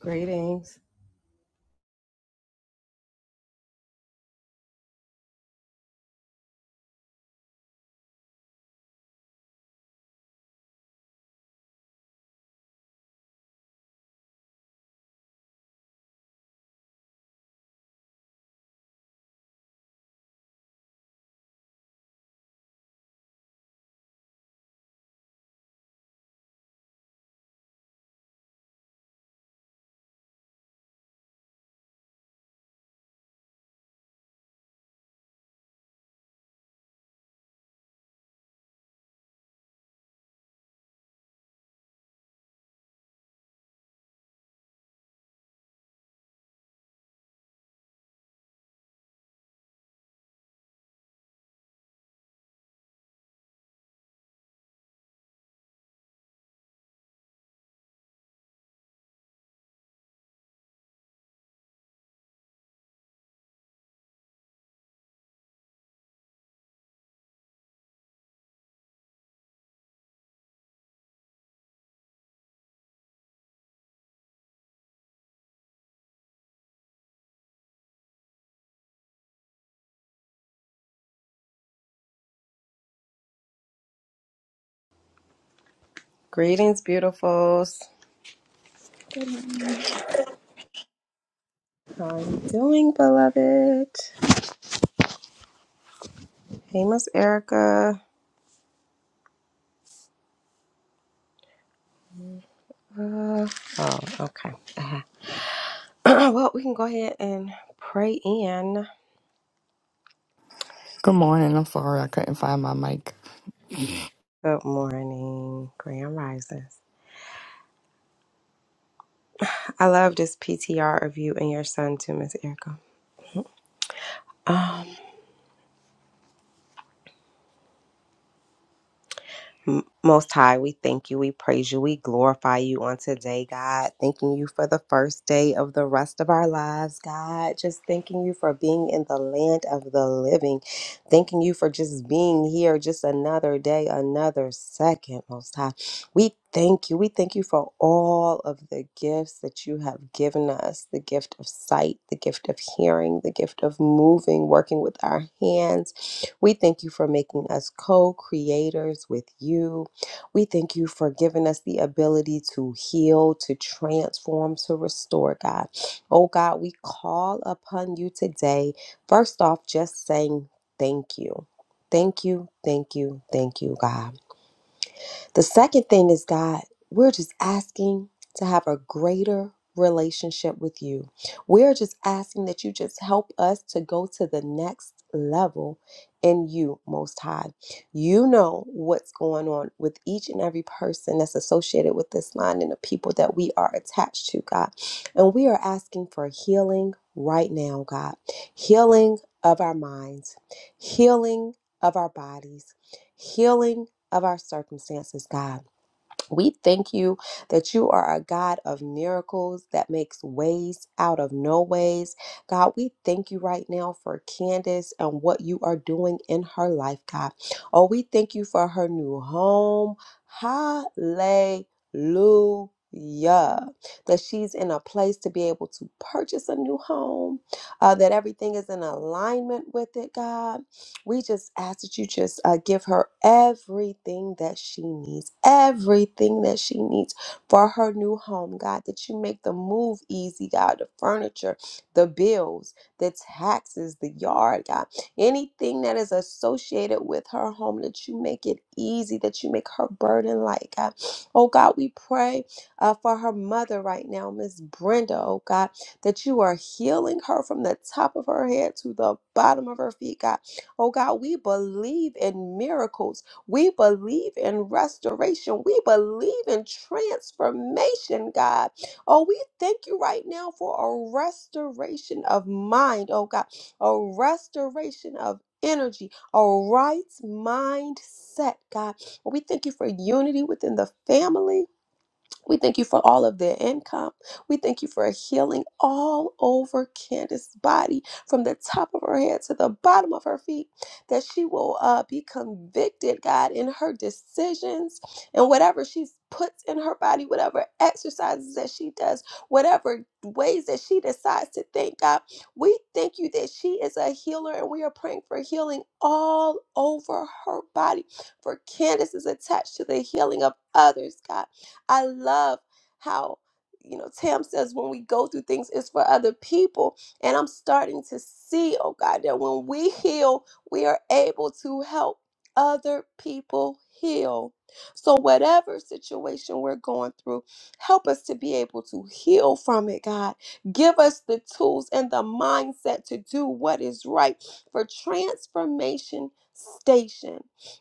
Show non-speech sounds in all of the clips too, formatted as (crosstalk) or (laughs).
Greetings. Greetings, beautifuls. Good morning. How are you doing, beloved? Hey, Miss Erica. Uh, oh, okay. Uh-huh. (clears throat) well, we can go ahead and pray in. Good morning. I'm sorry I couldn't find my mic. Good morning, Grand Rises. I love this PTR of you and your son, too, Miss Erica. (sighs) M- Most High, we thank you, we praise you, we glorify you on today, God. Thanking you for the first day of the rest of our lives, God. Just thanking you for being in the land of the living. Thanking you for just being here, just another day, another second, Most High. We thank you. We thank you for all of the gifts that you have given us the gift of sight, the gift of hearing, the gift of moving, working with our hands we thank you for making us co creators with you. We thank you for giving us the ability to heal, to transform, to restore, God. Oh, God, we call upon you today. First off, just saying thank you. Thank you, thank you, thank you, God. The second thing is, God, we're just asking to have a greater relationship with you. We're just asking that you just help us to go to the next level in you, Most High. You know what's going on with each and every person that's associated with this line and the people that we are attached to, God. And we are asking for healing right now, God. Healing of our minds, healing of our bodies, healing of our circumstances, God. We thank you that you are a God of miracles that makes ways out of no ways. God, we thank you right now for Candace and what you are doing in her life, God. Oh, we thank you for her new home. Hallelujah. That she's in a place to be able to purchase a new home, uh, that everything is in alignment with it, God we just ask that you just uh, give her everything that she needs, everything that she needs for her new home, God. That you make the move easy, God. The furniture, the bills, the taxes, the yard, God. Anything that is associated with her home, that you make it easy, that you make her burden light, God. Oh, God, we pray uh, for her mother right now, Miss Brenda, oh, God, that you are healing her from the top of her head to the bottom of her feet, God Oh God, we believe in miracles. We believe in restoration. We believe in transformation, God. Oh, we thank you right now for a restoration of mind, oh God, a restoration of energy, a right mindset, God. We thank you for unity within the family. We thank you for all of their income. We thank you for a healing all over Candace's body, from the top of her head to the bottom of her feet, that she will uh, be convicted, God, in her decisions and whatever she puts in her body, whatever exercises that she does, whatever ways that she decides to think, God. We thank you that she is a healer and we are praying for healing all over her body. For Candace is attached to the healing of others, God. I love how you know Tam says when we go through things it's for other people and I'm starting to see oh God that when we heal we are able to help other people heal. So whatever situation we're going through help us to be able to heal from it God. Give us the tools and the mindset to do what is right for transformation station.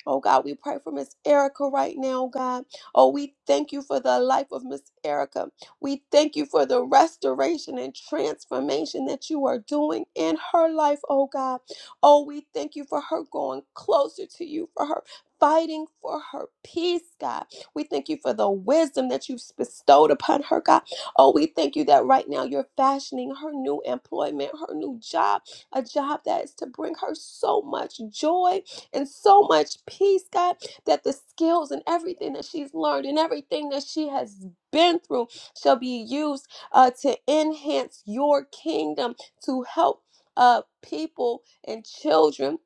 Oh God, we pray for Miss Erica right now, God. Oh, we thank you for the life of Miss Erica. We thank you for the restoration and transformation that you are doing in her life, oh God. Oh, we thank you for her going closer to you, for her fighting for her peace, God. We thank you for the wisdom that you've bestowed upon her, God. Oh, we thank you that right now you're fashioning her new employment, her new job, a job that is to bring her so much joy and so much peace, God, that the skills and everything that she's learned and everything that she has been through shall be used uh, to enhance your kingdom to help uh, people and children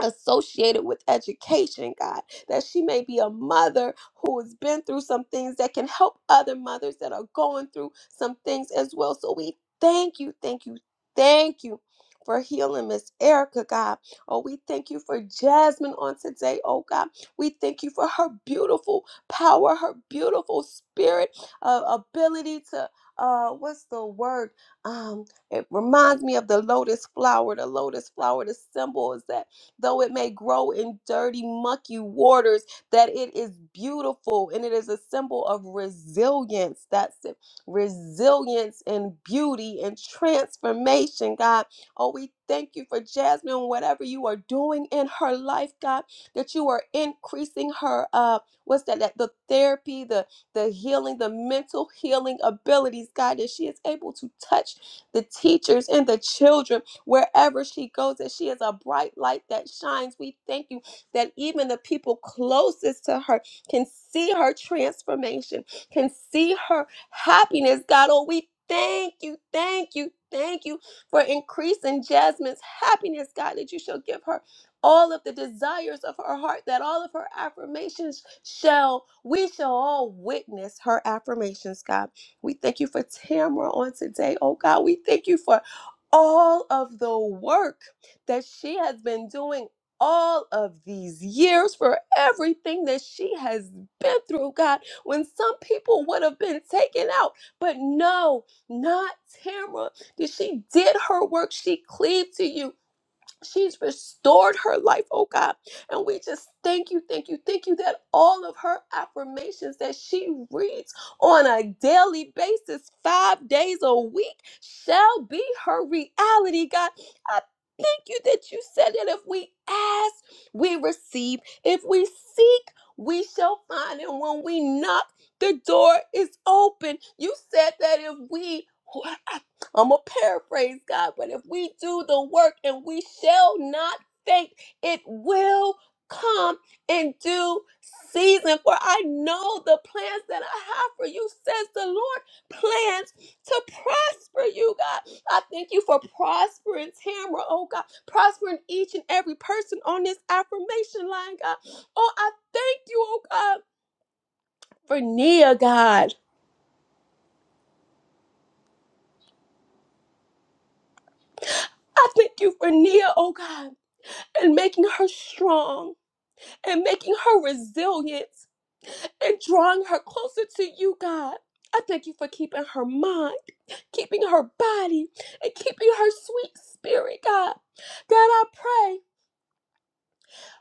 associated with education, God, that she may be a mother who has been through some things that can help other mothers that are going through some things as well. So we thank you, thank you, thank you. For healing Miss Erica, God. Oh, we thank you for Jasmine on today, oh God. We thank you for her beautiful power, her beautiful spirit, uh, ability to, uh, what's the word? Um, it reminds me of the lotus flower. The lotus flower, the symbol is that though it may grow in dirty, mucky waters, that it is beautiful and it is a symbol of resilience. That's it. Resilience and beauty and transformation, God. Oh, we thank you for Jasmine, whatever you are doing in her life, God, that you are increasing her uh what's that, that the therapy, the the healing, the mental healing abilities, God, that she is able to touch the teachers and the children wherever she goes, that she is a bright light that shines. We thank you that even the people closest to her can see her transformation, can see her happiness, God. Oh, we thank you, thank you, thank you for increasing Jasmine's happiness, God, that you shall give her all of the desires of her heart, that all of her affirmations shall, we shall all witness her affirmations, God. We thank you for Tamra on today, oh God. We thank you for all of the work that she has been doing all of these years for everything that she has been through, God, when some people would have been taken out. But no, not Tamara. Did she did her work? She cleaved to you. She's restored her life, oh God. And we just thank you, thank you, thank you that all of her affirmations that she reads on a daily basis, five days a week, shall be her reality, God. I thank you that you said that if we ask, we receive. If we seek, we shall find. And when we knock, the door is open. You said that if we I'm going to paraphrase God, but if we do the work and we shall not faint, it will come in due season. For I know the plans that I have for you, says the Lord, plans to prosper you, God. I thank you for prospering Tamra, oh God, prospering each and every person on this affirmation line, God. Oh, I thank you, oh God, for Nia, God. I thank you for Nia, oh God, and making her strong and making her resilient and drawing her closer to you, God. I thank you for keeping her mind, keeping her body, and keeping her sweet spirit, God. God, I pray.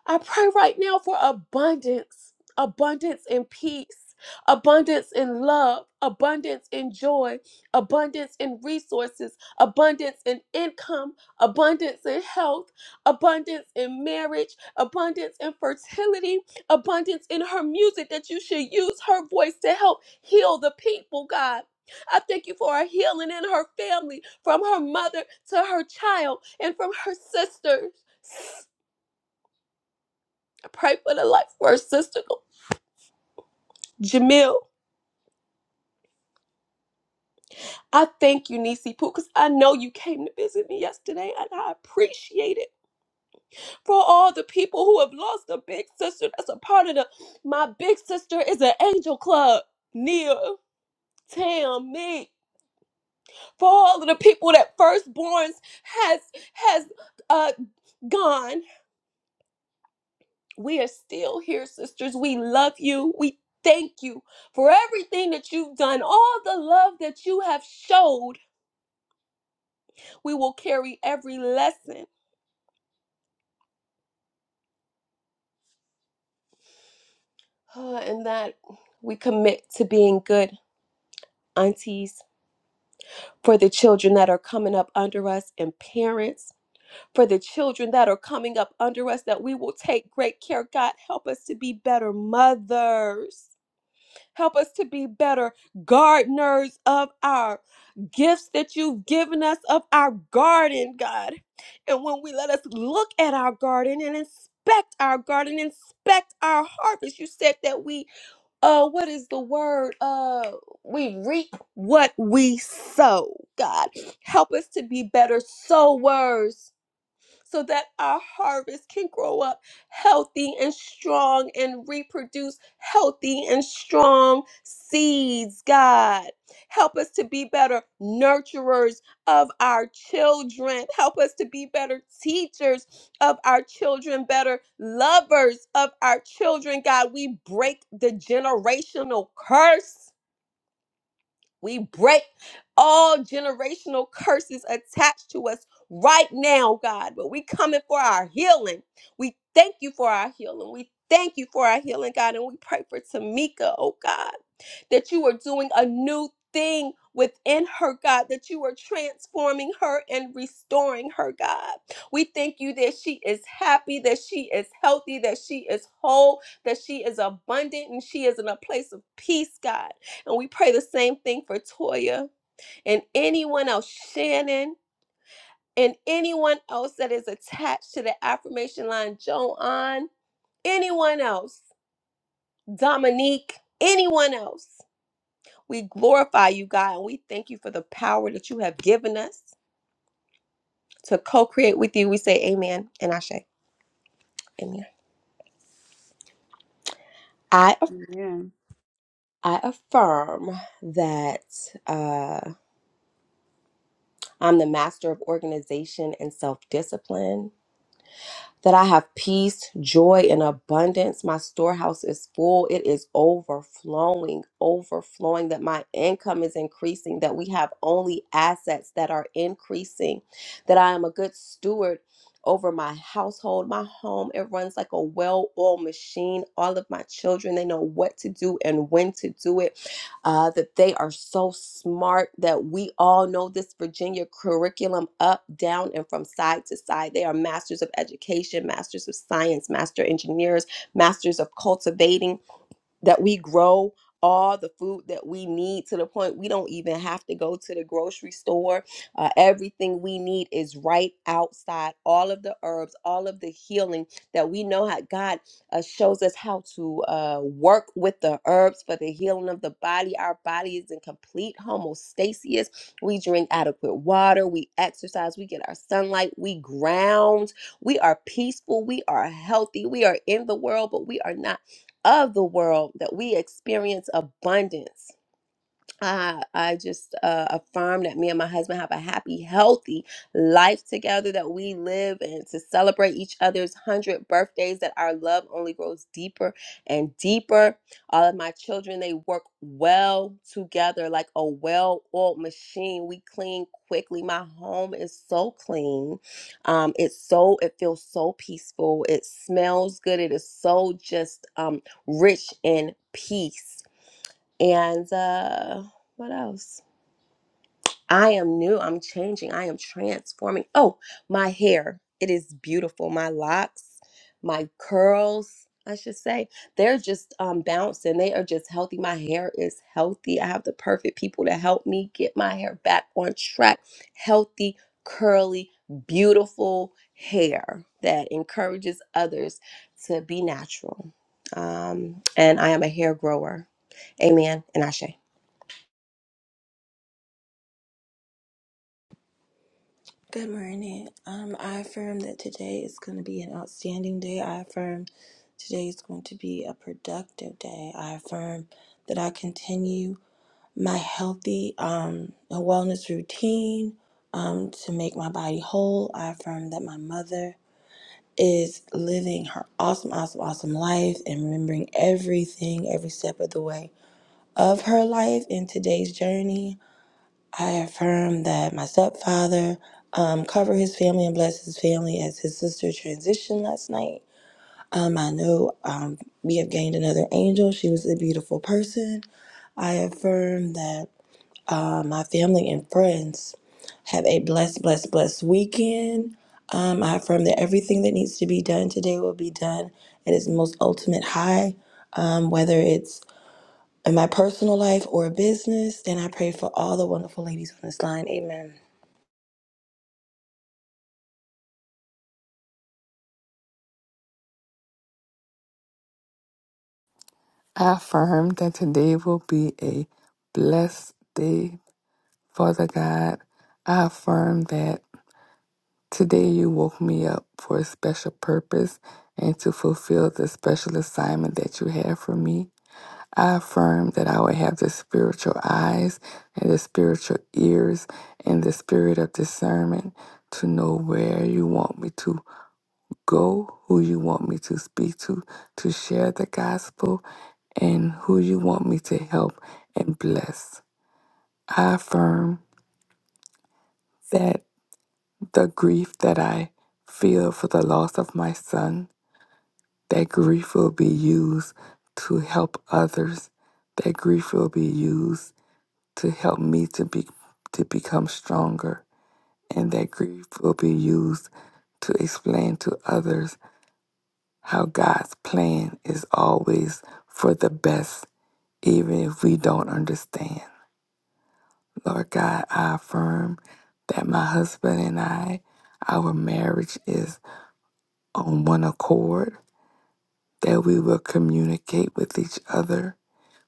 I pray right now for abundance, abundance in peace, abundance in love, abundance in joy, abundance in resources, abundance in income, abundance in health, abundance in marriage, abundance in fertility, abundance in her music that you should use her voice to help heal the people, God. I thank you for her healing in her family, from her mother to her child, and from her sisters. Pray for the life of her sister, Jamil. I thank you, Nisi Poo, because I know you came to visit me yesterday, and I appreciate it for all the people who have lost a big sister. That's a part of the my big sister is an angel club. Nia, Tam, me, for all of the people that firstborns has has uh gone. We are still here, sisters. We love you. We thank you for everything that you've done, all the love that you have showed we will carry every lesson (sighs) uh, and that we commit to being good aunties for the children that are coming up under us and parents for the children that are coming up under us that we will take great care god help us to be better mothers Help us to be better gardeners of our gifts that you've given us of our garden, God. And when we let us look at our garden and inspect our garden, inspect our harvest, you said that we, uh, what is the word? Uh, we reap what we sow, God. Help us to be better sowers so that our harvest can grow up healthy and strong and reproduce healthy and strong seeds, God. Help us to be better nurturers of our children. Help us to be better teachers of our children, better lovers of our children, God. We break the generational curse we break all generational curses attached to us right now, God. But we coming for our healing. We thank you for our healing. We thank you for our healing, God. And we pray for Tamika, oh God that you are doing a new thing within her, God, that you are transforming her and restoring her, God. We thank you that she is happy, that she is healthy, that she is whole, that she is abundant, and she is in a place of peace, God. And we pray the same thing for Toya and anyone else, Shannon, and anyone else that is attached to the affirmation line, Joanne, anyone else, Dominique, anyone else. We glorify you, God, and we thank you for the power that you have given us to co create with you. We say amen and I say amen. I, aff- Amen. I affirm that uh, I'm the master of organization and self discipline. that I have peace, joy, and abundance. My storehouse is full, it is overflowing, overflowing, that my income is increasing, that we have only assets that are increasing, that I am a good steward. Over my household, my home, it runs like a well oiled machine. All of my children, they know what to do and when to do it uh, that they are so smart that we all know this Virginia curriculum up, down, and from side to side. They are masters of education, masters of science, master engineers, masters of cultivating that we grow all the food that we need to the point we don't even have to go to the grocery store. Uh, everything we need is right outside. All of the herbs, all of the healing that we know how God uh, shows us how to uh, work with the herbs for the healing of the body. Our body is in complete homeostasis. We drink adequate water, we exercise, we get our sunlight, we ground, we are peaceful, we are healthy, we are in the world, but we are not of the world that we experience abundance I, I just uh, affirm that me and my husband have a happy, healthy life together, that we live and to celebrate each other's 100 birthdays, that our love only grows deeper and deeper. All of my children, they work well together like a well oiled machine. We clean quickly. My home is so clean. Um, it's so, it feels so peaceful. It smells good. It is so just um, rich in peace and uh, what else? I am new. I'm changing. I am transforming. Oh, my hair. It is beautiful. My locks, my curls, I should say, they're just um, bouncing. They are just healthy. My hair is healthy. I have the perfect people to help me get my hair back on track. Healthy, curly, beautiful hair that encourages others to be natural. Um, and I am a hair grower. Amen. And Ashe. Good morning. Um, I affirm that today is going to be an outstanding day. I affirm today is going to be a productive day. I affirm that I continue my healthy um, and wellness routine um, to make my body whole. I affirm that my mother is living her awesome, awesome, awesome life and remembering everything, every step of the way of her life in today's journey. I affirm that my stepfather um, cover his family and bless his family as his sister transitioned last night. Um, I know um, we have gained another angel. She was a beautiful person. I affirm that uh, my family and friends have a blessed, blessed, blessed weekend. Um, I affirm that everything that needs to be done today will be done at its most ultimate high, um, whether it's in my personal life or business. And I pray for all the wonderful ladies on this line. Amen. I affirm that today will be a blessed day, Father God. I affirm that today you woke me up for a special purpose and to fulfill the special assignment that you have for me. I affirm that I will have the spiritual eyes and the spiritual ears and the spirit of discernment to know where you want me to go who you want me to speak to, to share the gospel, and who you want me to help and bless. I affirm that the grief that I feel for the loss of my son, that grief will be used to help others. That grief will be used to help me to be to become stronger. And that grief will be used to explain to others how God's plan is always for the best, even if we don't understand. Lord God, I affirm that my husband and I, our marriage is on one accord, that we will communicate with each other,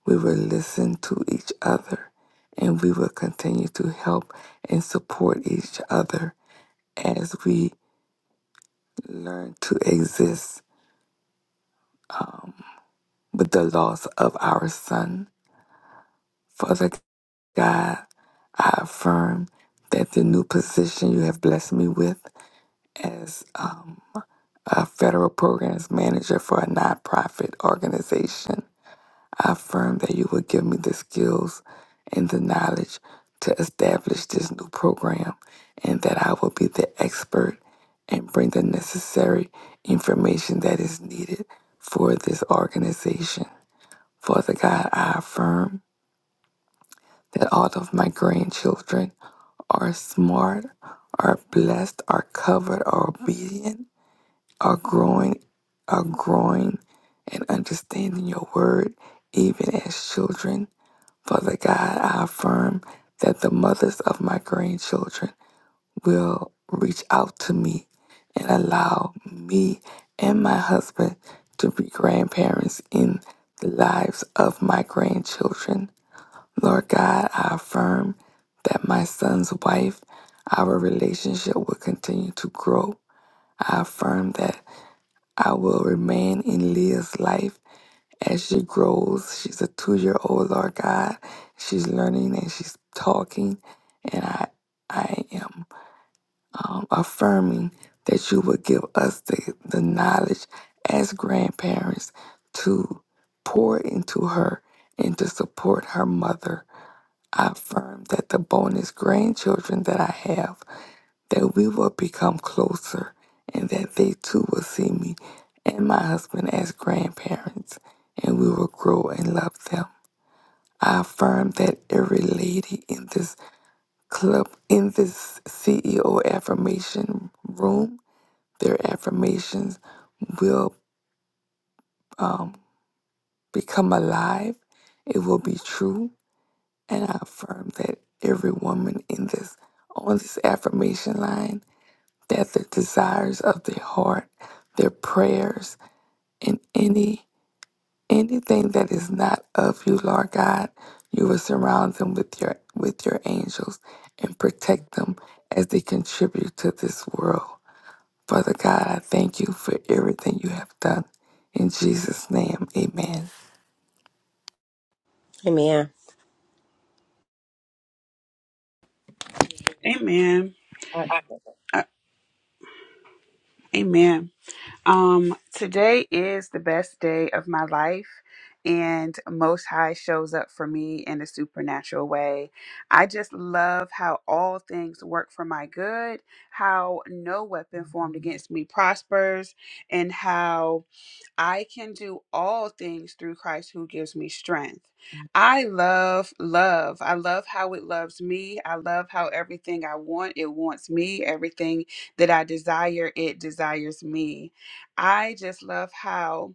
we will listen to each other, and we will continue to help and support each other as we learn to exist with the loss of our son. Father God, I affirm that the new position you have blessed me with as um, a federal programs manager for a nonprofit organization, I affirm that you will give me the skills and the knowledge to establish this new program and that I will be the expert and bring the necessary information that is needed for this organization. Father God, I affirm that all of my grandchildren are smart, are blessed, are covered, are obedient, are growing, are growing and understanding your word, even as children. Father God, I affirm that the mothers of my grandchildren will reach out to me and allow me and my husband to be grandparents in the lives of my grandchildren. Lord God, I affirm that my son's wife, our relationship will continue to grow. I affirm that I will remain in Leah's life as she grows. She's a two year old, Lord God. She's learning and she's talking. And I, I am um, affirming that you will give us the, the knowledge as grandparents to pour into her and to support her mother I affirm that the bonus grandchildren that I have, that we will become closer and that they too will see me and my husband as grandparents and we will grow and love them. I affirm that every lady in this club, in this CEO affirmation room, their affirmations will um, become alive. It will be true And I affirm that every woman in this on this affirmation line that the desires of their heart, their prayers, and any anything that is not of you, Lord God, you will surround them with your with your angels and protect them as they contribute to this world. Father God, I thank you for everything you have done. In Jesus' name, amen. Amen. Amen. Amen. I, Uh, amen. Um, today is the best day of my life, and Most High shows up for me in a supernatural way. I just love how all things work for my good, how no weapon formed against me prospers, and how I can do all things through Christ who gives me strength. I love love. I love how it loves me. I love how everything I want, it wants me. Everything that I desire, it desires me. I just love how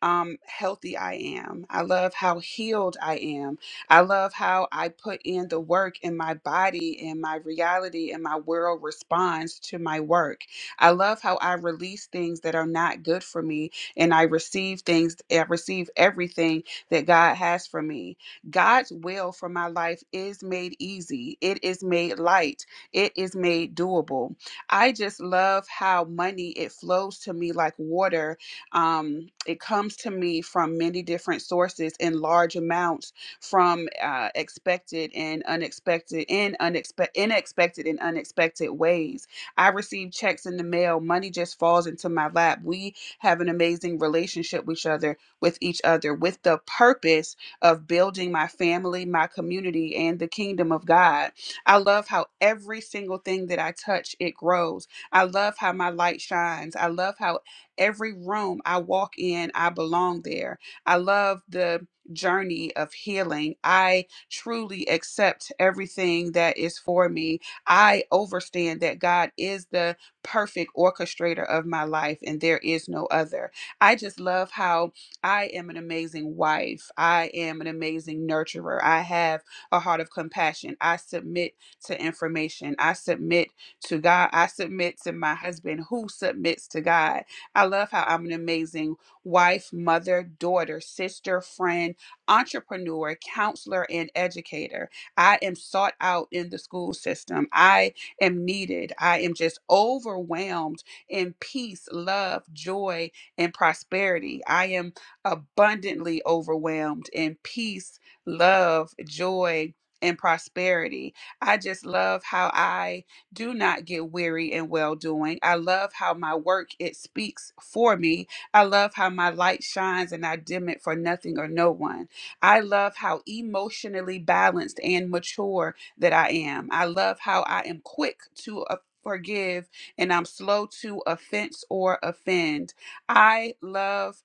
um healthy I am. I love how healed I am. I love how I put in the work in my body and my reality and my world responds to my work. I love how I release things that are not good for me and I receive things, I receive everything that God has for me. God's will for my life is made easy, it is made light, it is made doable. I just love how money it flows to me like water. Um, it comes to me from many different sources in large amounts from uh, expected and unexpected in unexpected unexpected and unexpected ways. I receive checks in the mail. Money just falls into my lap. We have an amazing relationship with each other, with each other, with the purpose of building my family, my community, and the kingdom of God. I love how every single thing that I touch, it grows. I love how my light shines. I love how every room I walk in, I belong there. I love the journey of healing. I truly accept everything that is for me. I overstand that God is the perfect orchestrator of my life, and there is no other. I just love how I am an amazing wife. I am an amazing nurturer. I have a heart of compassion. I submit to information. I submit to God. I submit to my husband who submits to God. I love how I'm an amazing wife, mother, daughter, sister, friend, entrepreneur, counselor, and educator. I am sought out in the school system. I am needed. I am just overwhelmed in peace, love, joy, and prosperity. I am abundantly overwhelmed in peace, love, joy, and prosperity. I just love how I do not get weary in well doing. I love how my work it speaks for me. I love how my light shines and I dim it for nothing or no one. I love how emotionally balanced and mature that I am. I love how I am quick to uh, forgive and I'm slow to offense or offend. I love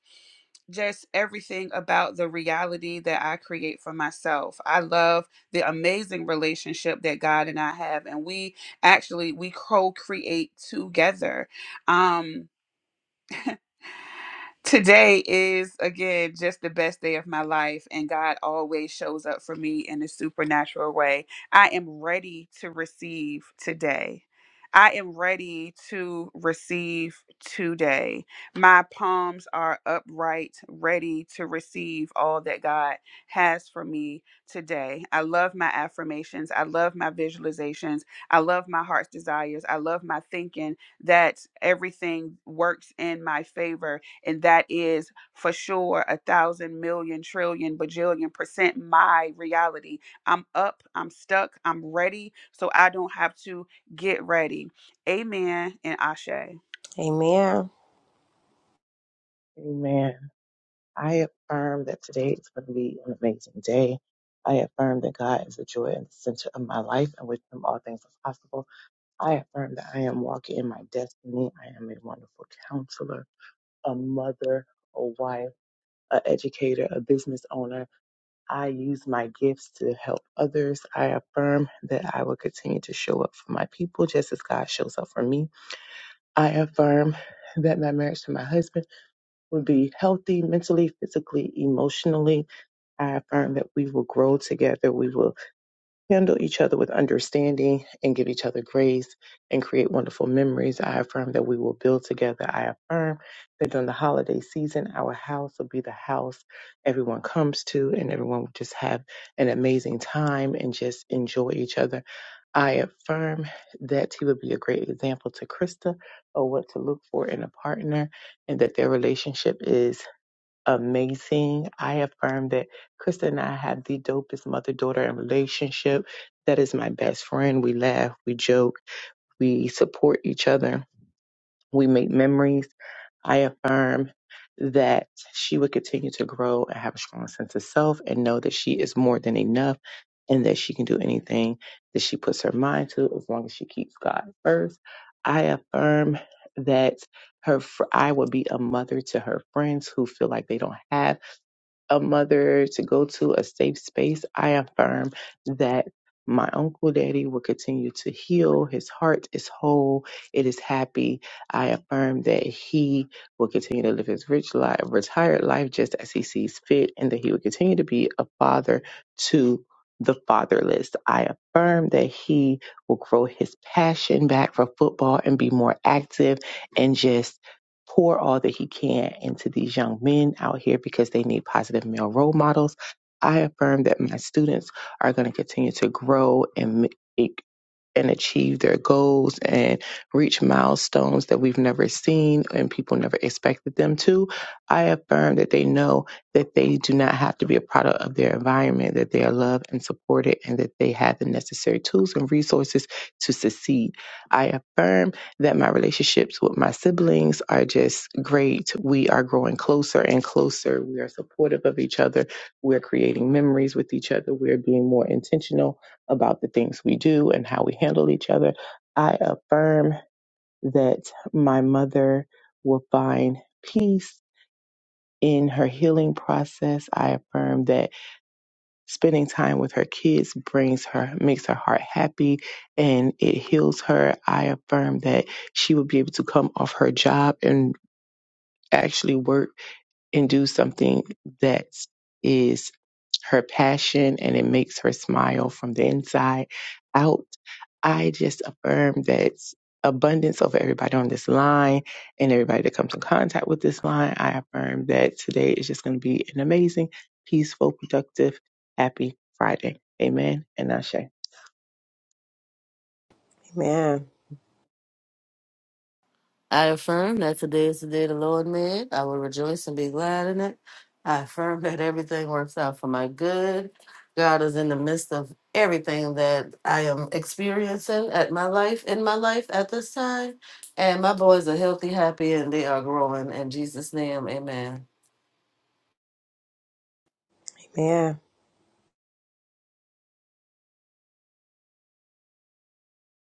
just everything about the reality that I create for myself. I love the amazing relationship that God and I have and we actually we co-create together. Um Today is again just the best day of my life, and God always shows up for me in a supernatural way. I am ready to receive today. I am ready to receive today. My palms are upright, ready to receive all that God has for me today. I love my affirmations. I love my visualizations. I love my heart's desires. I love my thinking that everything works in my favor and that is for sure a thousand million trillion bajillion percent my reality. I'm up, I'm stuck, I'm ready, so I don't have to get ready. Amen and Ashe. Amen. Amen. amen. I affirm that today is going to be an amazing day. I affirm that God is the joy and the center of my life, and with Him all things are possible. I affirm that I am walking in my destiny. I am a wonderful counselor, a mother, a wife, a educator, a business owner. I use my gifts to help others. I affirm that I will continue to show up for my people just as God shows up for me. I affirm that my marriage to my husband Will be healthy mentally, physically, emotionally. I affirm that we will grow together. We will handle each other with understanding and give each other grace and create wonderful memories. I affirm that we will build together. I affirm that during the holiday season, our house will be the house everyone comes to and everyone will just have an amazing time and just enjoy each other. I affirm that he would be a great example to Krista of what to look for in a partner and that their relationship is amazing. I affirm that Krista and I have the dopest mother daughter relationship. That is my best friend. We laugh, we joke, we support each other, we make memories. I affirm that she would continue to grow and have a strong sense of self and know that she is more than enough and that she can do anything that she puts her mind to as long as she keeps God first. I affirm that her fr- I will be a mother to her friends who feel like they don't have a mother to go to a safe space, I affirm that my uncle daddy will continue to heal. His heart is whole. It is happy. I affirm that he will continue to live his rich life, retired life just as he sees fit, and that he will continue to be a father to the fatherless. I affirm that he will grow his passion back for football and be more active and just pour all that he can into these young men out here because they need positive male role models. I affirm that my students are going to continue to grow and m- and achieve their goals and reach milestones that we've never seen and people never expected them to, I affirm that they know that they do not have to be a product of their environment, that they are loved and supported, and that they have the necessary tools and resources to succeed. I affirm that my relationships with my siblings are just great. We are growing closer and closer. We are supportive of each other. We're creating memories with each other. We're being more intentional about the things we do and how we handle each other. I affirm that my mother will find peace in her healing process. I affirm that spending time with her kids brings her, makes her heart happy and it heals her. I affirm that she will be able to come off her job and actually work and do something that is her passion and it makes her smile from the inside out. I just affirm that abundance over everybody on this line and everybody that comes in contact with this line. I affirm that today is just going to be an amazing, peaceful, productive, happy Friday. Amen and Ashe. Amen. I affirm that today is the day the Lord made. I will rejoice and be glad in it. I affirm that everything works out for my good. God is in the midst of everything that I am experiencing at my life, in my life at this time. And my boys are healthy, happy, and they are growing. In Jesus' name, amen. Amen.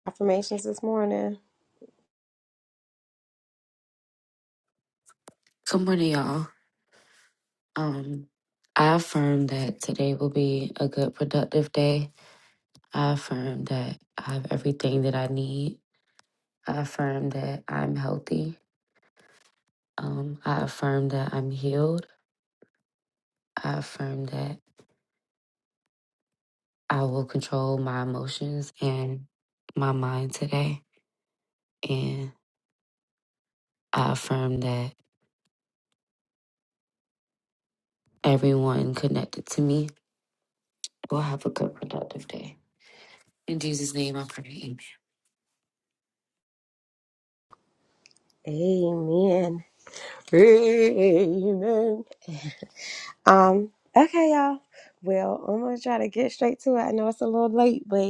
Affirmations this morning. Good morning, y'all. Um, I affirm that today will be a good, productive day. I affirm that I have everything that I need. I affirm that I'm healthy. Um, I affirm that I'm healed. I affirm that I will control my emotions and my mind today. And I affirm that everyone connected to me will have a good, productive day. In Jesus' name, I pray. Amen. Amen. Amen. Um, okay, y'all. Well, I'm gonna try to get straight to it. I know it's a little late, but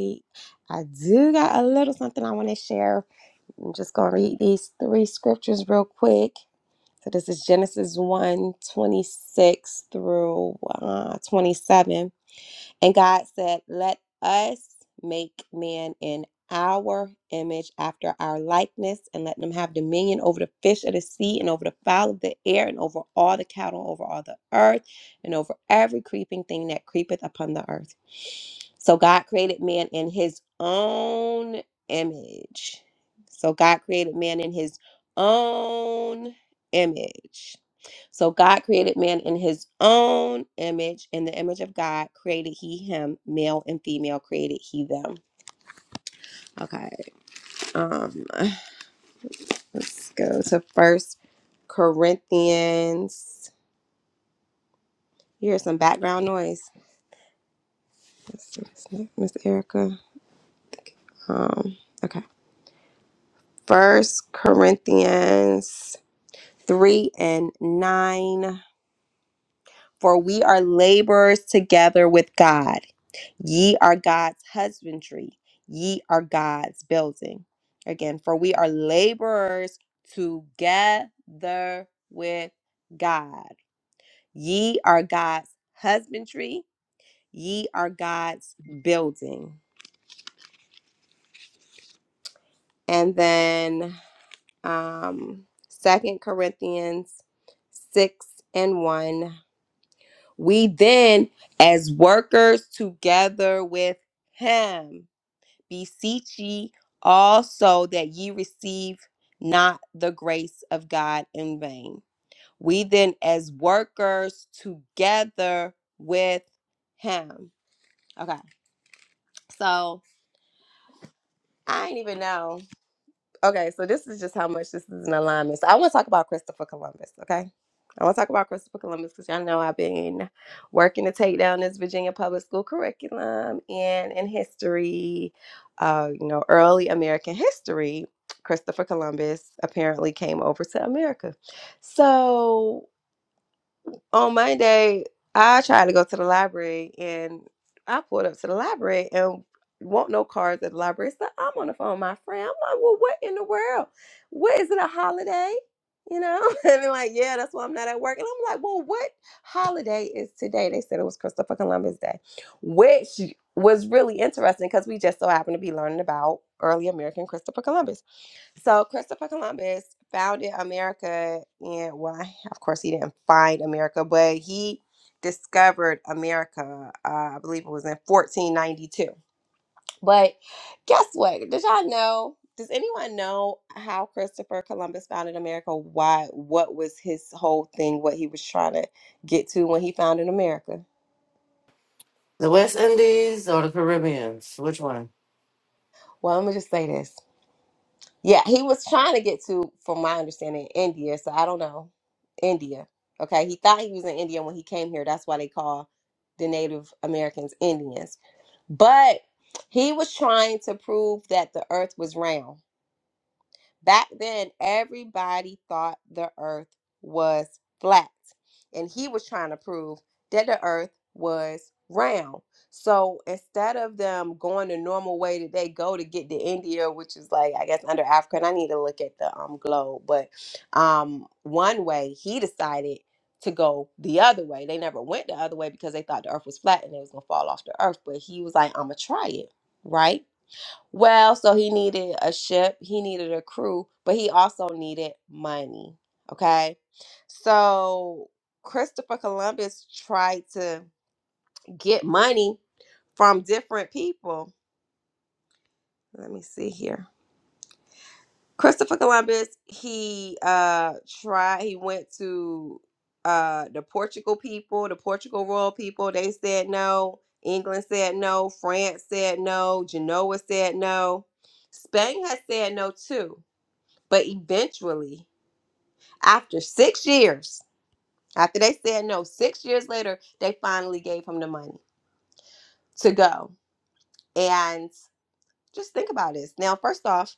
I do got a little something I want to share. I'm just gonna read these three scriptures real quick. So this is Genesis one 26 through uh, 27. And God said, Let us make man in our image after our likeness, and let them have dominion over the fish of the sea, and over the fowl of the air, and over all the cattle, over all the earth, and over every creeping thing that creepeth upon the earth. So God created man in his own image. So God created man in his own image. So God created man in his own image. In the image of God created he him, male and female created he them. Okay. Um (sighs) let's go to first Corinthians. You hear some background noise. Let's see, it's not Miss Erica. Um, okay. First Corinthians three and nine. For we are laborers together with God. Ye are God's husbandry, ye are God's building. Again, for we are laborers together with God. Ye are God's husbandry, ye are God's building. And then um Second Corinthians 6 and 1. We then, as workers together with Him, Beseech ye also that ye receive not the grace of God in vain. We then, as workers together with Him. Okay, so I didn't even know. Okay, so this is just how much this is an alignment. So I want to talk about Christopher Columbus, okay? I want to talk about Christopher Columbus because y'all know I've been working to take down this Virginia public school curriculum and in history, uh, you know, early American history. Christopher Columbus apparently came over to America. So on Monday, I tried to go to the library and I pulled up to the library and won't no cards at the library. So I'm on the phone with my friend. I'm like, well, what in the world? What is it a holiday? You know? (laughs) And they're like, yeah, that's why I'm not at work. And I'm like, well, what holiday is today? They said it was Christopher Columbus Day, which was really interesting because we just so happened to be learning about early American Christopher Columbus. So Christopher Columbus founded America, and well, I- of course, he didn't find America, but he discovered America. Uh, I believe it was in 1492. But guess what? Did y'all know? Does anyone know how Christopher Columbus founded America? Why? What was his whole thing? What he was trying to get to when he founded America? The West Indies or the Caribbeans? Which one? Well, I'm gonna just say this. Yeah, he was trying to get to, from my understanding, India. So I don't know. India. Okay. He thought he was in India when he came here. That's why they call the Native Americans Indians. But he was trying to prove that the earth was round. Back then, everybody thought the earth was flat, and he was trying to prove that the earth was round. So instead of them going the normal way that they go to get to India, which is like I guess under Africa, and I need to look at the um globe, but um one way he decided to go the other way. They never went the other way because they thought the earth was flat and it was gonna fall off the earth. But he was like, I'm gonna try it, right? Well, so he needed a ship, he needed a crew, but he also needed money. Okay. So Christopher Columbus tried to get money from different people. Let me see here. Christopher Columbus, he uh tried he went to uh the Portugal people, the Portugal royal people, they said no. England said no, France said no, Genoa said no. Spain has said no too But eventually, after six years, after they said no, six years later, they finally gave him the money to go. And just think about this. Now, first off,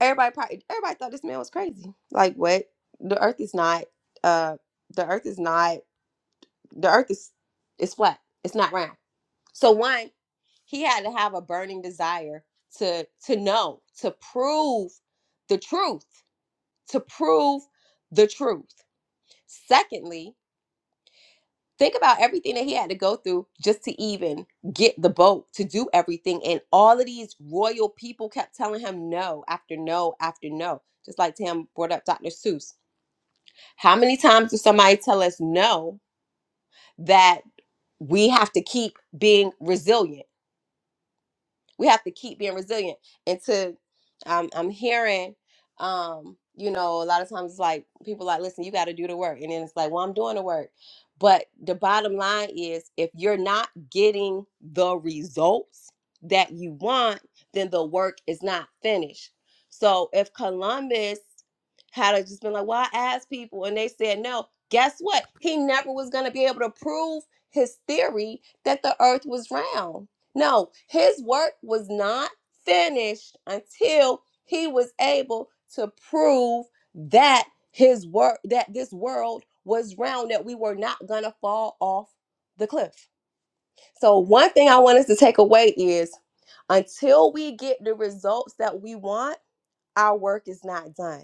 everybody probably everybody thought this man was crazy. Like, what? The earth is not uh the earth is not the earth is is flat. It's not round. So one, he had to have a burning desire to to know, to prove the truth, to prove the truth. Secondly, Think about everything that he had to go through just to even get the boat to do everything. And all of these royal people kept telling him no after no after no. Just like Tam brought up Dr. Seuss. How many times does somebody tell us no that we have to keep being resilient? we have to keep being resilient and to i'm, I'm hearing um you know a lot of times it's like people like listen you got to do the work and then it's like well i'm doing the work but the bottom line is if you're not getting the results that you want then the work is not finished so if columbus had a- just been like well i asked people and they said no guess what he never was going to be able to prove his theory that the earth was round no, his work was not finished until he was able to prove that his work that this world was round that we were not going to fall off the cliff. So one thing I want us to take away is until we get the results that we want, our work is not done.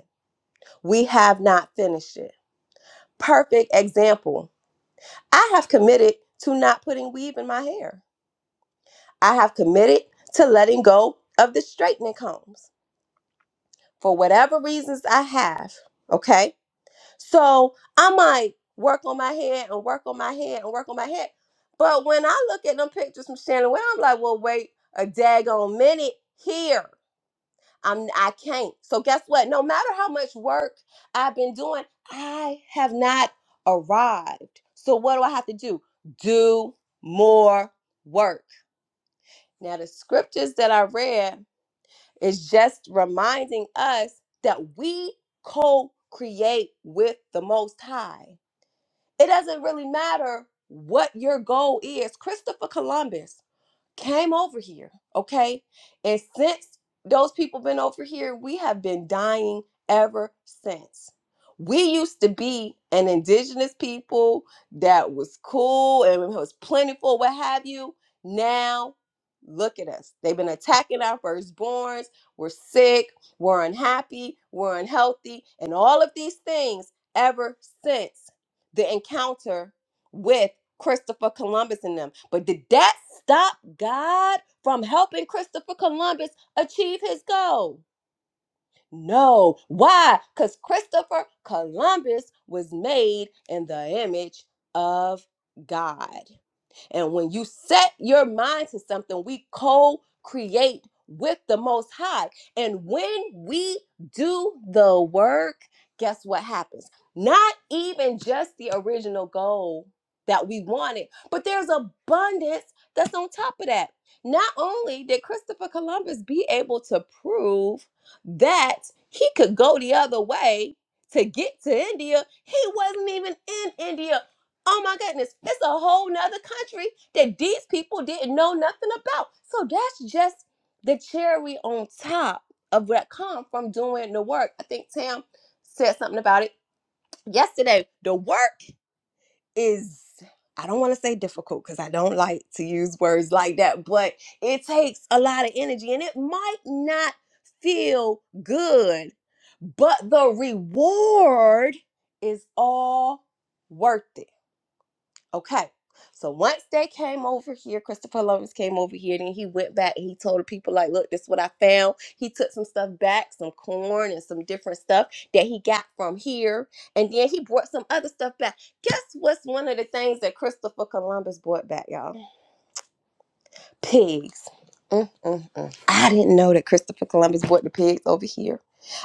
We have not finished it. Perfect example. I have committed to not putting weave in my hair. I have committed to letting go of the straightening combs. for whatever reasons I have. Okay. So I might work on my head and work on my head and work on my head. But when I look at them pictures from Shannon Well, I'm like, well, wait a daggone minute here. I'm I can't. So guess what? No matter how much work I've been doing, I have not arrived. So what do I have to do? Do more work. Now the scriptures that I read it's just reminding us that we co create with the Most High. It doesn't really matter what your goal is. Christopher Columbus, came over here, okay? And since those people been over here, we have been dying ever since. We used to be an indigenous people that was cool and it was plentiful, what have you. Now, look at us. They've been attacking our firstborns. We're sick, we're unhappy, we're unhealthy, and all of these things ever since the encounter with Christopher Columbus and them. But did that stop God from helping Christopher Columbus achieve his goal? No. Why? Because Christopher Columbus was made in the image of God. And when you set your mind to something, we co create with the Most High. And when we do the work, guess what happens? Not even just the original goal that we wanted, but there's abundance that's on top of that. Not only did Christopher Columbus be able to prove that he could go the other way to get to India, he wasn't even in India Oh my goodness, it's a whole nother country that these people didn't know nothing about. So that's just the cherry on top of what come from doing the work. I think Tam said something about it yesterday. The work is I don't want to say difficult because I don't like to use words like that, but it takes a lot of energy and it might not feel good, but the reward is all worth it Okay. So once they came over here, Christopher Columbus came over here, then he went back and he told the people, like, look, this is what I found. He took some stuff back, some corn and some different stuff that he got from here. And then he brought some other stuff back. Guess what's one of the things that Christopher Columbus brought back, y'all? Pigs. Mm, mm, mm. I didn't know that Christopher Columbus brought the pigs over here.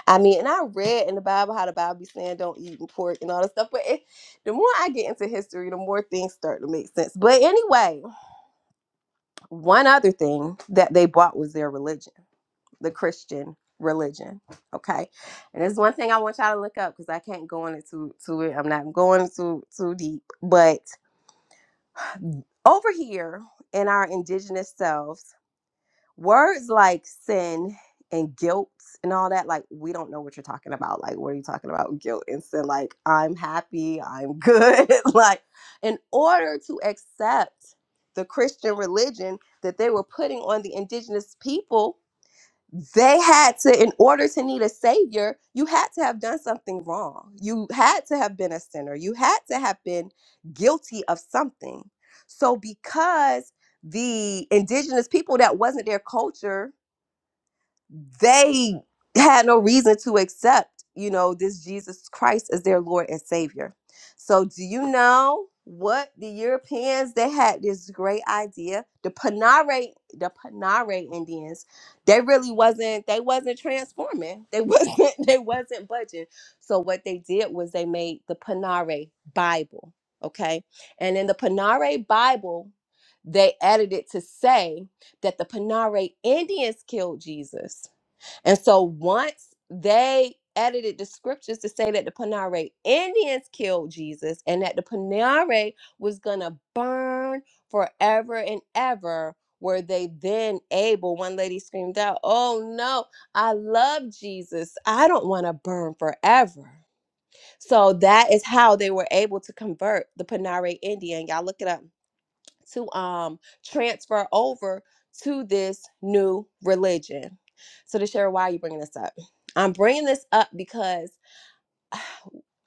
I mean, and I read in the Bible how the Bible be saying don't eat pork and all that stuff. But it, the more I get into history, the more things start to make sense. But anyway, one other thing that they bought was their religion, the Christian religion. Okay, and there's one thing I want y'all to look up because I can't go into too to it. I'm not going too too deep. But over here in our indigenous selves. Words like sin and guilt and all that, like, we don't know what you're talking about. Like, what are you talking about? Guilt and sin, like, I'm happy, I'm good. (laughs) like, in order to accept the Christian religion that they were putting on the indigenous people, they had to in order to need a savior you had to have done something wrong you had to have been a sinner you had to have been guilty of something so because the indigenous people that wasn't their culture they had no reason to accept, you know, this Jesus Christ as their Lord and Savior. So, do you know what the Europeans they had this great idea? The Panare, the Panare Indians, they really wasn't they wasn't transforming. They wasn't (laughs) they wasn't budging. So what they did was they made the Panare Bible, okay? And in the Panare Bible, they added it to say that the Panare Indians killed Jesus. And so once they edited the scriptures to say that the Panare Indians killed Jesus and that the Panare was going to burn forever and ever, were they then able, one lady screamed out, Oh no, I love Jesus. I don't want to burn forever. So that is how they were able to convert the Panare Indian. Y'all look it up to um transfer over to this new religion. So to share why are you bringing this up? I'm bringing this up because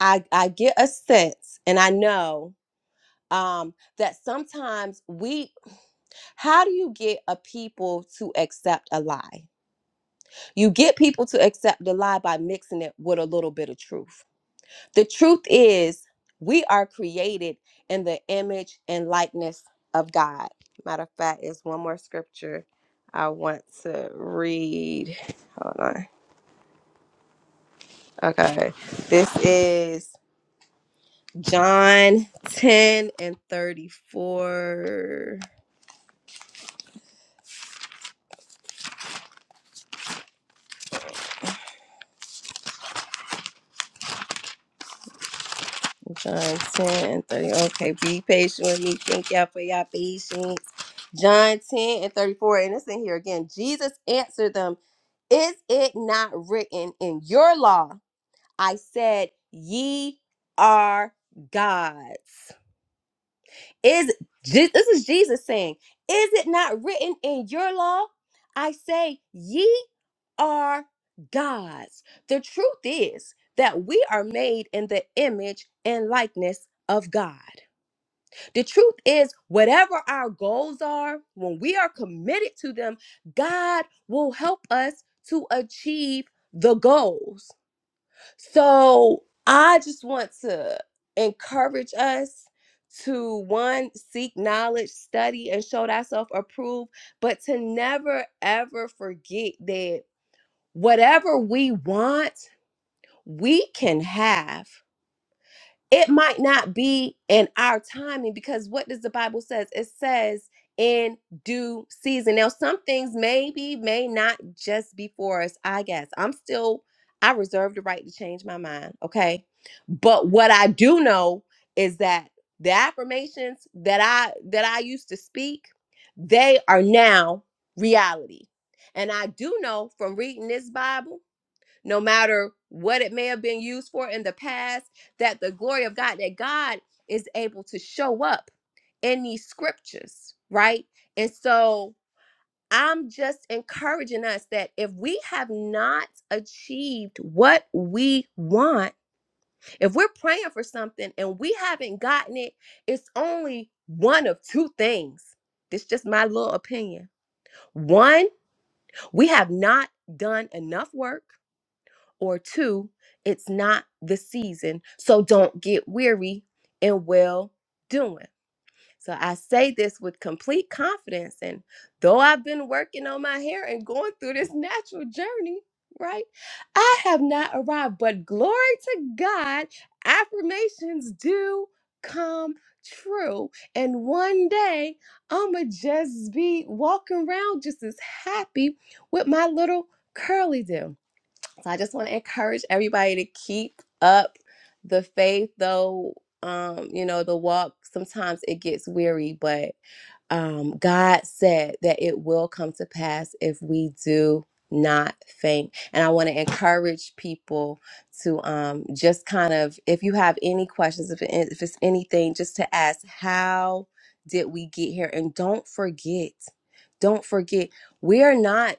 I I get a sense and I know um that sometimes we how do you get a people to accept a lie? You get people to accept a lie by mixing it with a little bit of truth. The truth is, we are created in the image and likeness of God. Matter of fact, is one more scripture I want to read. Hold on. Okay. This is John 10 and 34. John 10 and 30. Okay, be patient with me. Thank y'all for y'all patience. John 10 and 34. And it's in here again. Jesus answered them, Is it not written in your law? I said, Ye are gods. Is Je- this is Jesus saying, Is it not written in your law? I say, Ye are gods. The truth is that we are made in the image and likeness of God. The truth is, whatever our goals are, when we are committed to them, God will help us to achieve the goals. So I just want to encourage us to one, seek knowledge, study, and show thyself approved, but to never ever forget that whatever we want, we can have it might not be in our timing because what does the bible says it says in due season now some things maybe may not just be for us i guess i'm still i reserve the right to change my mind okay but what i do know is that the affirmations that i that i used to speak they are now reality and i do know from reading this bible no matter what it may have been used for in the past, that the glory of God, that God is able to show up in these scriptures, right? And so I'm just encouraging us that if we have not achieved what we want, if we're praying for something and we haven't gotten it, it's only one of two things. This is just my little opinion. One, we have not done enough work or two, it's not the season. So don't get weary in well doing. So I say this with complete confidence. And though I've been working on my hair and going through this natural journey, right? I have not arrived, but glory to God, affirmations do come true. And one day, I'm going to just be walking around just as happy with my little curly them. So I just want to encourage everybody to keep up the faith, though. Um, you know, the walk sometimes it gets weary, but um, God said that it will come to pass if we do not faint. And I want to encourage people to um, just kind of, if you have any questions, if, it, if it's anything, just to ask, how did we get here? And don't forget, don't forget, we are not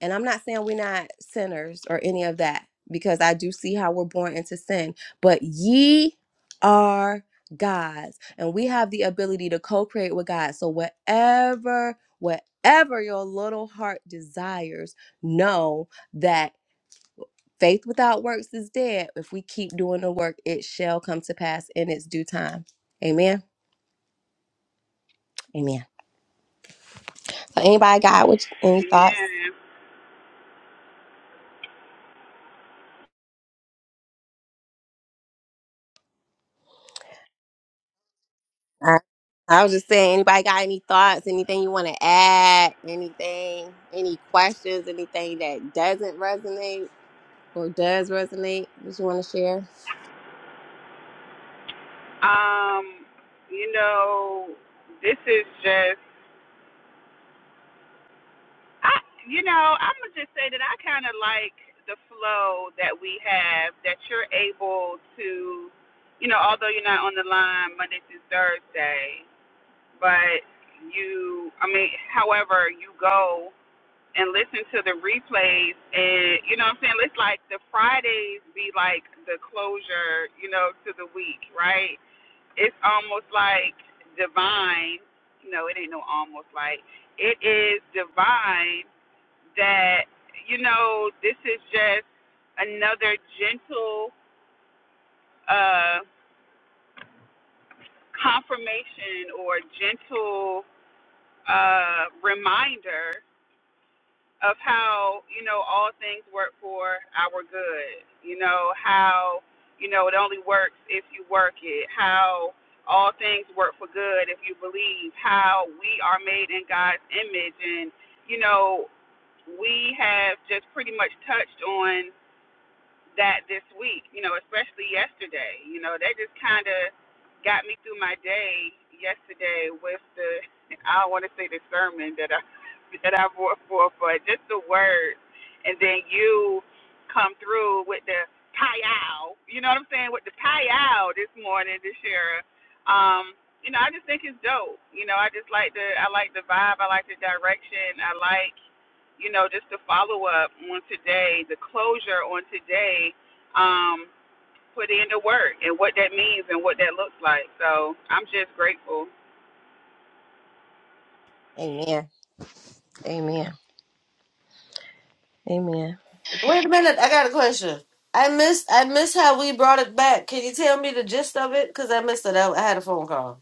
and I'm not saying we're not sinners or any of that, because I do see how we're born into sin. But ye are God's, and we have the ability to co create with God. So, whatever, whatever your little heart desires, know that faith without works is dead. If we keep doing the work, it shall come to pass in its due time. Amen. Amen. So, anybody got what, any thoughts? I, I was just saying, anybody got any thoughts, anything you want to add, anything, any questions, anything that doesn't resonate or does resonate that you want to share? Um, you know, this is just I you know, I'm gonna just say that I kinda like the flow that we have, that you're able to you know, although you're not on the line Monday through Thursday, but you i mean however you go and listen to the replays and you know what i'm saying it's like the fridays be like the closure you know to the week right it's almost like divine no it ain't no almost like it is divine that you know this is just another gentle uh confirmation or gentle uh reminder of how you know all things work for our good. You know how you know it only works if you work it. How all things work for good if you believe. How we are made in God's image, and you know we have just pretty much touched on that this week, you know, especially yesterday. You know, that just kind of got me through my day yesterday with the (laughs) I don't want to say the sermon that I (laughs) that I brought forth, but just the words. And then you come through with the payal. You know what I'm saying? With the payal this morning, this year. Um, you know, I just think it's dope. You know, I just like the I like the vibe. I like the direction. I like you know, just to follow up on today, the closure on today, um, put in the work and what that means and what that looks like. So I'm just grateful. Amen. Amen. Amen. Wait a minute, I got a question. I missed I missed how we brought it back. Can you tell me the gist of it? Because I missed it. I I had a phone call.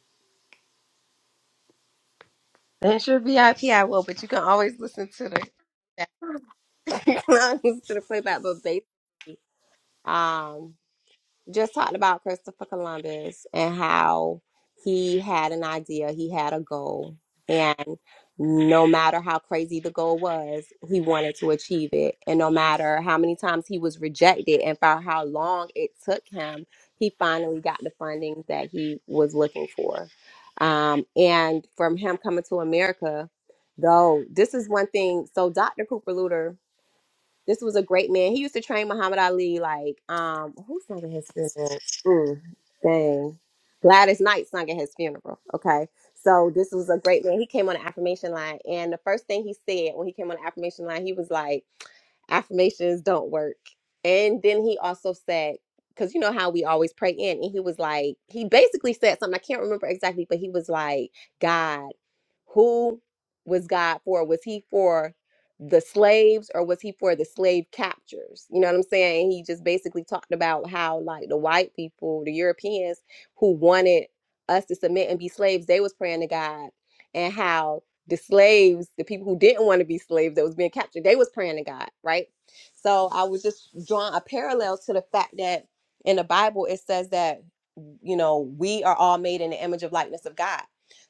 And it's your VIP, I P, I will, but you can always listen to the, (laughs) you can always listen to the playback, but basically, um, just talked about Christopher Columbus and how he had an idea, he had a goal, and no matter how crazy the goal was, he wanted to achieve it. And no matter how many times he was rejected and for how long it took him, he finally got the funding that he was looking for. Um, and from him coming to America, though, this is one thing. So, Dr. Cooper Luter this was a great man. He used to train Muhammad Ali. Like, um, who sung at his funeral? Mm, dang, Gladys Knight sung at his funeral. Okay, so this was a great man. He came on the affirmation line, and the first thing he said when he came on the affirmation line, he was like affirmations don't work. And then he also said, because you know how we always pray in, and he was like, he basically said something, I can't remember exactly, but he was like, God, who was God for? Was he for the slaves or was he for the slave captures? You know what I'm saying? He just basically talked about how, like, the white people, the Europeans who wanted us to submit and be slaves, they was praying to God, and how the slaves, the people who didn't want to be slaves that was being captured, they was praying to God, right? So I was just drawing a parallel to the fact that in the Bible it says that you know we are all made in the image of likeness of God.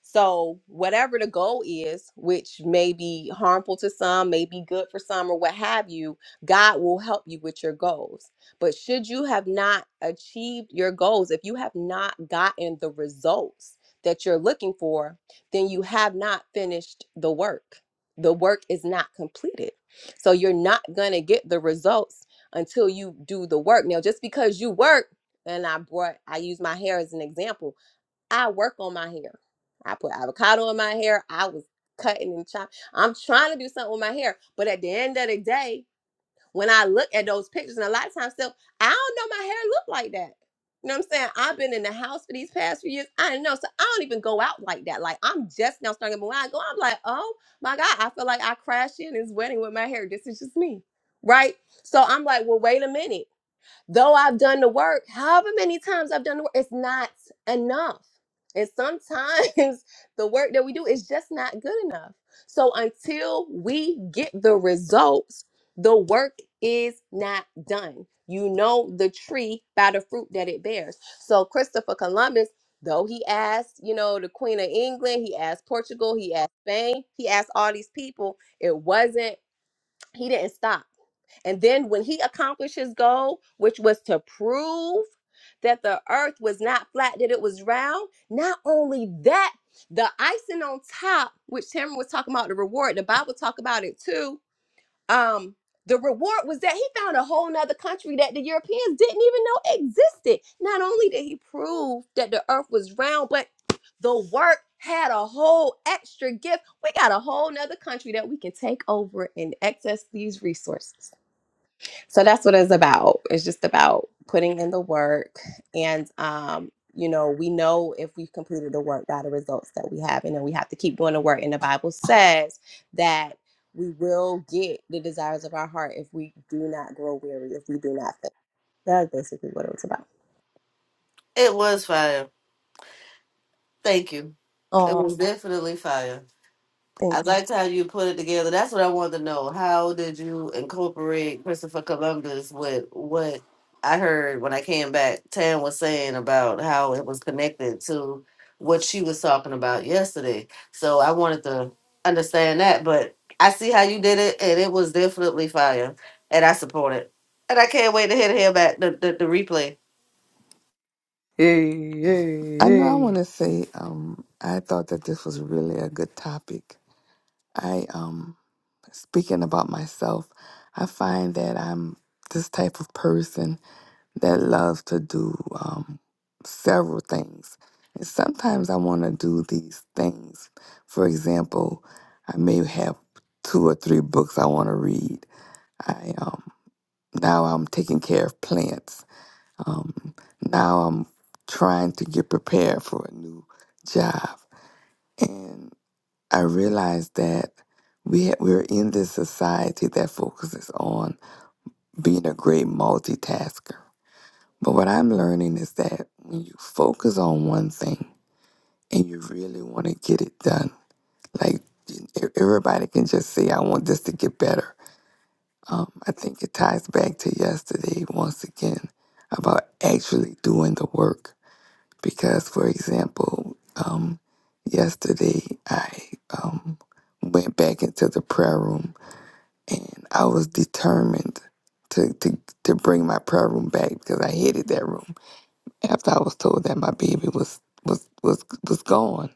So whatever the goal is, which may be harmful to some, may be good for some, or what have you, God will help you with your goals. But should you have not achieved your goals, if you have not gotten the results that you're looking for, then you have not finished the work. The work is not completed. So you're not going to get the results until you do the work. Now, just because you work, and I brought, I use my hair as an example. I work on my hair. I put avocado in my hair. I was cutting and chopping. I'm trying to do something with my hair. But at the end of the day, when I look at those pictures, and a lot of times still, I don't know my hair look like that. You know what I'm saying? I've been in the house for these past few years. I know. So I don't even go out like that. Like I'm just now starting, but when I go, I'm like, oh my God, I feel like I crashed in this wedding with my hair. This is just me. Right? So I'm like, well, wait a minute. Though I've done the work, however many times I've done the work, it's not enough. And sometimes (laughs) the work that we do is just not good enough. So until we get the results, the work is not done. You know the tree by the fruit that it bears. So Christopher Columbus, though he asked, you know, the Queen of England, he asked Portugal, he asked Spain, he asked all these people, it wasn't, he didn't stop. And then when he accomplished his goal, which was to prove that the earth was not flat, that it was round, not only that, the icing on top, which Tamara was talking about, the reward, the Bible talk about it too. Um, the reward was that he found a whole nother country that the Europeans didn't even know existed. Not only did he prove that the earth was round, but the work had a whole extra gift. We got a whole nother country that we can take over and access these resources so that's what it's about it's just about putting in the work and um you know we know if we've completed the work by the results that we have and then we have to keep doing the work and the bible says that we will get the desires of our heart if we do not grow weary if we do not faint that's basically what it was about It was fire. Thank you. It Oh, was definitely fire. I thanks liked how you put it together. That's what I wanted to know. How did you incorporate Christopher Columbus with what I heard when I came back? Tan was saying about how it was connected to what she was talking about yesterday. So I wanted to understand that, but I see how you did it, and it was definitely fire. And I support it. And I can't wait to hear, hear back the, the, the replay. hey, hey, I know I hey. want to say um, I thought that this was really a good topic I um speaking about myself, I find that I'm this type of person that loves to do um several things. And sometimes I want to do these things. For example, I may have two or three books I want to read. I um now I'm taking care of plants. Um now I'm trying to get prepared for a new job. I realized that we we're in this society that focuses on being a great multitasker. But what I'm learning is that when you focus on one thing and you really want to get it done, like e- e, everybody can just say, "I want this to get better." Um, I think it ties back to yesterday once again about actually doing the work. Because, for example, um, yesterday I um, went back into the prayer room and I was determined to, to to bring my prayer room back because I hated that room. After I was told that my baby was was was was gone,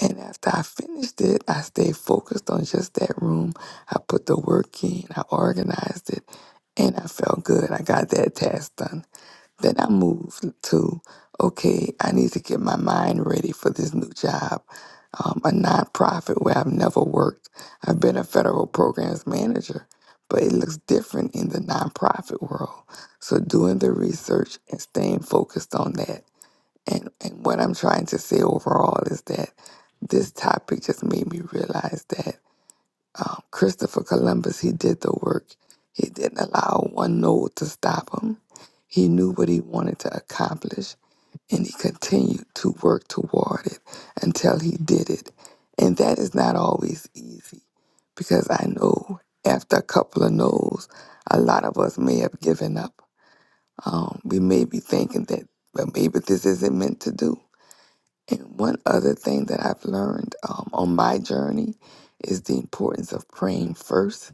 and after I finished it, I stayed focused on just that room. I put the work in, I organized it, and I felt good. I got that task done. Then I moved to, okay, I need to get my mind ready for this new job, um, a nonprofit where I've never worked. I've been a federal programs manager, but it looks different in the nonprofit world. So doing the research and staying focused on that. And, and what I'm trying to say overall is that this topic just made me realize that um, Christopher Columbus, he did the work. He didn't allow one no to stop him. He knew what he wanted to accomplish and he continued to work toward it until he did it. And that is not always easy because I know after a couple of no's, a lot of us may have given up. Um, we may be thinking that, well, maybe this isn't meant to do. And one other thing that I've learned um, on my journey is the importance of praying first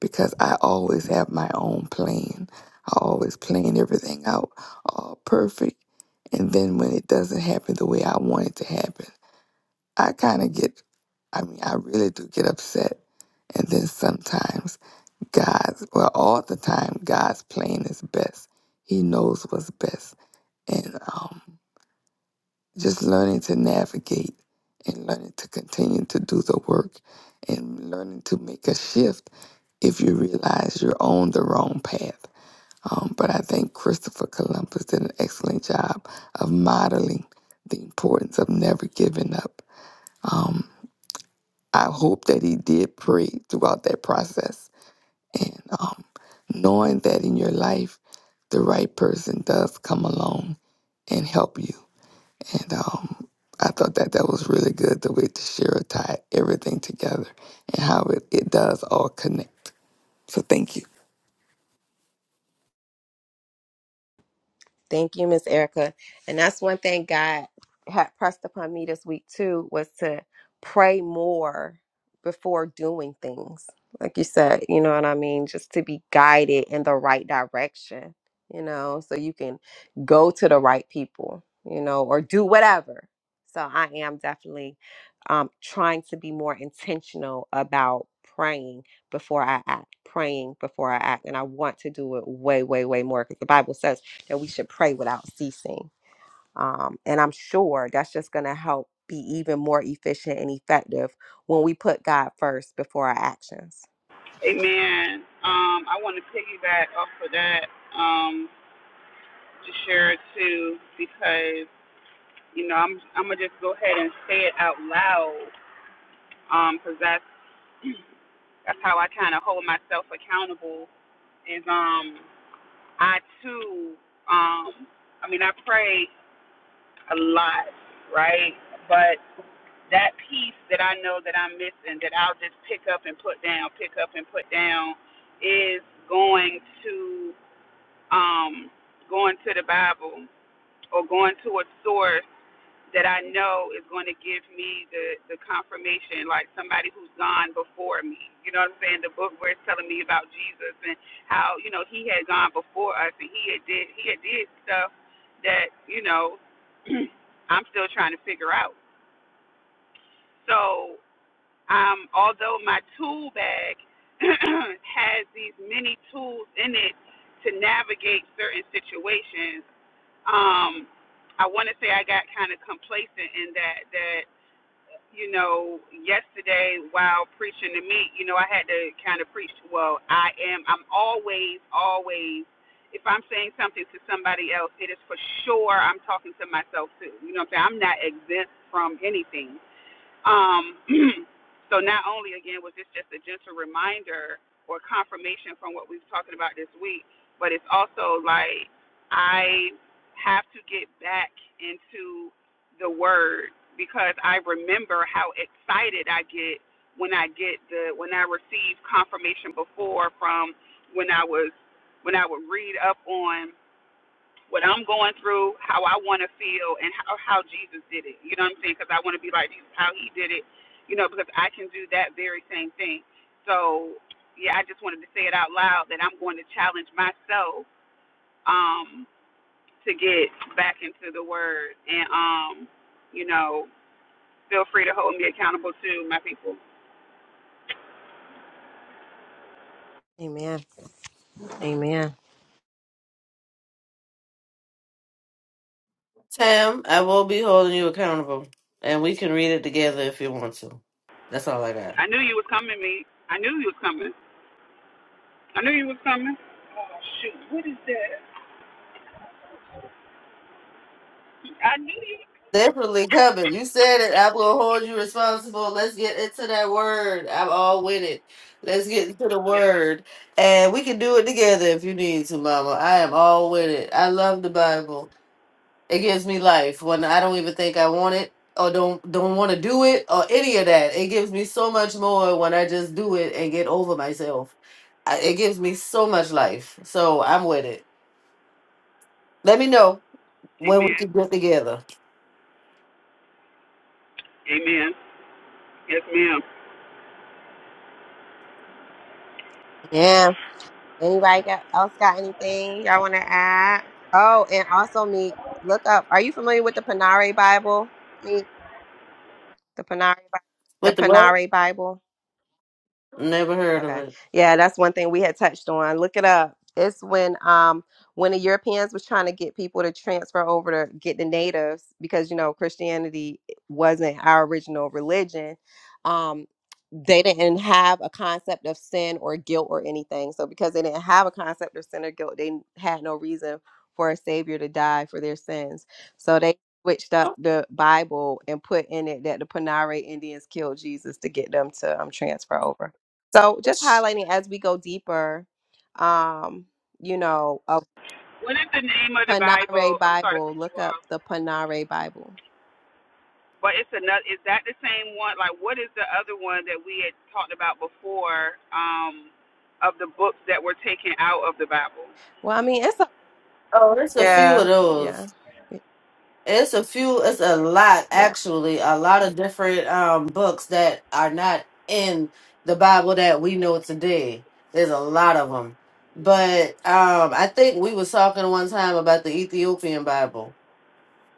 because I always have my own plan. I always plan everything out all perfect. And then when it doesn't happen the way I want it to happen, I kind of get, I mean, I really do get upset. And then sometimes God's, well, all the time, God's plan is best. He knows what's best. And um, just learning to navigate and learning to continue to do the work and learning to make a shift if you realize you're on the wrong path. Um, but I think Christopher Columbus did an excellent job of modeling the importance of never giving up. Um, I hope that he did pray throughout that process and um, knowing that in your life, the right person does come along and help you and um, I thought that that was really good the way Tashira tied everything together and how it, it does all connect. So thank you. Thank you, Miss Erica. And that's one thing God had pressed upon me this week too was to pray more before doing things. Like you said, you know what I mean? Just to be guided in the right direction, you know, so you can go to the right people, you know, or do whatever. So I am definitely um, trying to be more intentional about praying before I act, praying before I act. And I want to do it way, way, way more because the Bible says that we should pray without ceasing. Um, and I'm sure that's just going to help be even more efficient and effective when we put God first before our actions. Amen. Um, I want to piggyback off of that um, to share it too because, you know, I'm, I'm going to just go ahead and say it out loud because um, that's, that's how I kind of hold myself accountable is um I too um I mean I pray a lot, right? But that piece that I know that I'm missing, that I'll just pick up and put down, pick up and put down, is going to um, going to the Bible or going to a source that I know is going to give me the the confirmation, like somebody who's gone before me. You know what I'm saying? The book where it's telling me about Jesus and how you know he had gone before us and he had did he had did stuff that you know (clears throat) I'm still trying to figure out. So um, although my tool bag (clears throat) has these many tools in it to navigate certain situations, um, I want to say I got kind of complacent in that that you know, yesterday while preaching to me, you know, I had to kind of preach. Well, I am. I'm always, always. If I'm saying something to somebody else, it is for sure I'm talking to myself too. You know what I'm saying? I'm not exempt from anything. Um, (clears throat) so not only again was this just a gentle reminder or confirmation from what we've talking about this week, but it's also like I have to get back into the word because I remember how excited I get when I get the when I receive confirmation before from when I was when I would read up on what I'm going through, how I want to feel, and how, how Jesus did it. You know what I'm saying? Because I want to be like Jesus, how he did it, you know, because I can do that very same thing. So, yeah, I just wanted to say it out loud that I'm going to challenge myself um, to get back into the word. And, um, you know, feel free to hold me accountable to my people. Amen. Amen. Tam, I will be holding you accountable, and we can read it together if you want to. That's all I got. I knew you was coming, me. I knew you was coming. I knew you was coming. Oh, shoot. What is that? I knew you. Definitely coming. You said it. i will hold you responsible. Let's get into that word. I'm all with it. Let's get into the Yeah. word, and we can do it together if you need to, Mama. I am all with it. I love the Bible. It gives me life when I don't even think I want it or don't don't want to do it or any of that. It gives me so much more when I just do it and get over myself. I, it gives me so much life. So I'm with it. Let me know when we Amen. can get together. Amen. Yes, ma'am. Yeah. Anybody got, else got anything y'all want to add? Oh, and also, Meek, look up. Are you familiar with the Panare Bible, Meek? The Panare, Bi- the With the what? Panare Bible. Never heard of Okay. it. Yeah, that's one thing we had touched on. Look it up. It's when um when the Europeans was trying to get people to transfer over to get the natives because you know Christianity wasn't our original religion. Um they didn't have a concept of sin or guilt or anything. So because they didn't have a concept of sin or guilt, they had no reason for a savior to die for their sins. So they switched up Oh, the Bible and put in it that the Panare Indians killed Jesus to get them to um transfer over. So just highlighting as we go deeper, um, you know, a What is the name of the Panare Bible? I'm sorry to Bible. cut you Look up off, the Panare Bible. but it's another. Is that the same one? Like, what is the other one that we had talked about before? Um, of the books that were taken out of the Bible. Well, I mean, it's a oh, there's a few of yeah, those. yeah, It's a few, it's a lot yeah, actually, a lot of different um books that are not in the Bible that we know today. There's a lot of them. But um I think we was talking one time about the Ethiopian Bible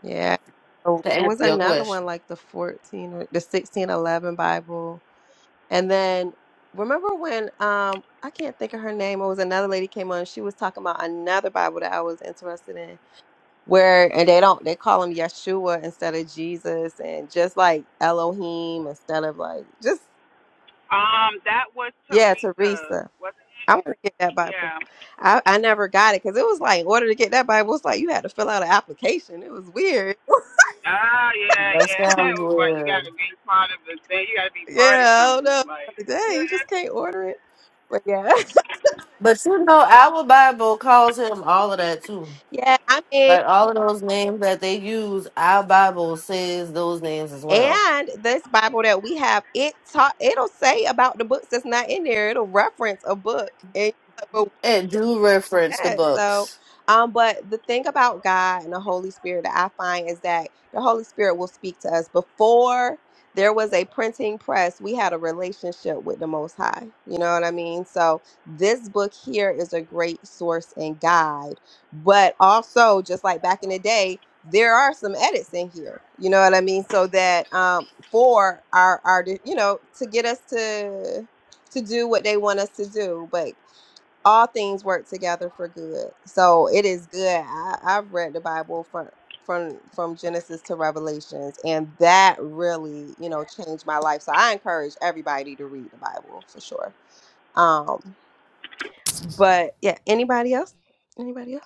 yeah. Oh, to It answer was your another question. one like the fourteen or the sixteen eleven Bible, and then remember when um I can't think of her name. It was another lady came on. She was talking about another Bible that I was interested in where and they don't they call him Yeshua instead of Jesus and just like Elohim instead of like just Um, that was yeah Teresa. Teresa. Was it? I'm gonna get that Bible. yeah. I, I never got it because it was like in order to get that Bible, it's like you had to fill out an application. It was weird. (laughs) Ah, yeah, That yeah. (laughs) It sounds was like you weird. gotta be part of the thing. You gotta be part Yeah, of I don't something. know. Like, Like, dang, you just (laughs) can't order it. But yeah, But you know, our Bible calls him all of that too. (laughs) yeah. I mean, Like all of those names that they use, our Bible says those names as well. and this Bible that we have, it taught. It'll say about the books that's not in there. It'll reference a book, and It do reference the Yeah, so, books. um, but the thing about God and the Holy Spirit that I find is that the Holy Spirit will speak to us. Before there was a printing press, we had a relationship with the Most High. You know what I mean? So, this book here is a great source and guide. But also, just like back in the day, there are some edits in here. You know what I mean? So that um, for our our you know to get us to to do what they want us to do. But all things work together for good. So it is good. I, I've read the Bible from from from Genesis to Revelations, and that really, you know, changed my life. So I encourage everybody to read the Bible for sure. Um, but yeah, anybody else? Anybody else?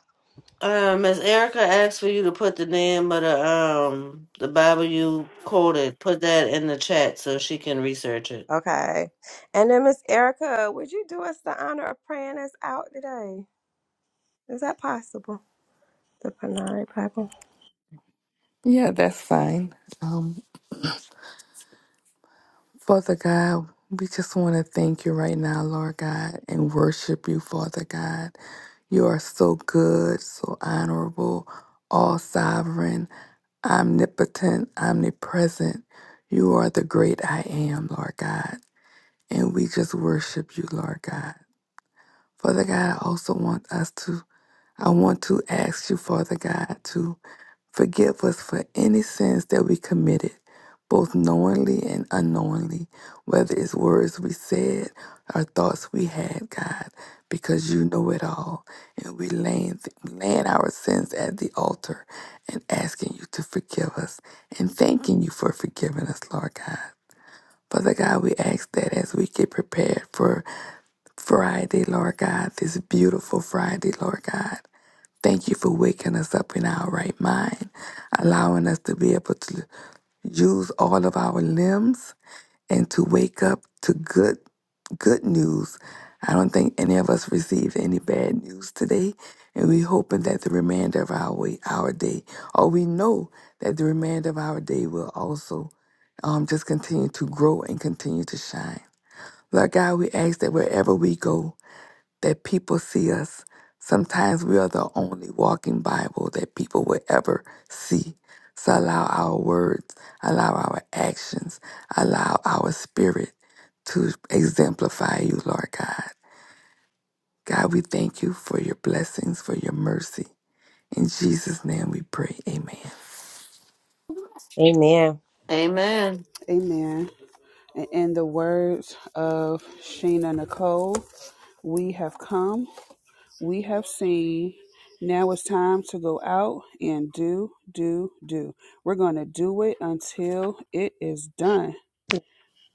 Um, Miss Erica asked for you to put the name of the um the Bible you quoted. Put that in the chat so she can research it. Okay. And then Miss Erica, would you do us the honor of praying us out today? Is that possible? The Panari Bible. Yeah, that's fine. Um, Father God, we just want to thank you right now, Lord God, and worship you, Father God. You are so good, so honorable, all sovereign, omnipotent, omnipresent. You are the great I am, Lord God. And we just worship you, Lord God. Father God, I also want us to, I want to ask you, Father God, to forgive us for any sins that we committed, both knowingly and unknowingly, whether it's words we said or thoughts we had, God, because you know it all. And we laying, laying our sins at the altar and asking you to forgive us and thanking you for forgiving us, Lord God. Father God, we ask that as we get prepared for Friday, Lord God, this beautiful Friday, Lord God. Thank you for waking us up in our right mind, allowing us to be able to use all of our limbs and to wake up to good good news. I don't think any of us received any bad news today, and we're hoping that the remainder of our way, our day, or we know that the remainder of our day will also um, just continue to grow and continue to shine. Lord God, we ask that wherever we go, that people see us. Sometimes we are the only walking Bible that people will ever see. So allow our words, allow our actions, allow our spirit to exemplify you, Lord God. God, we thank you for your blessings, for your mercy. In Jesus' name we pray. Amen. Amen. Amen. Amen. And in the words of Sheena Nicole, we have come. we have seen. Now it's time to go out and do, do, do. We're going to do it until it is done.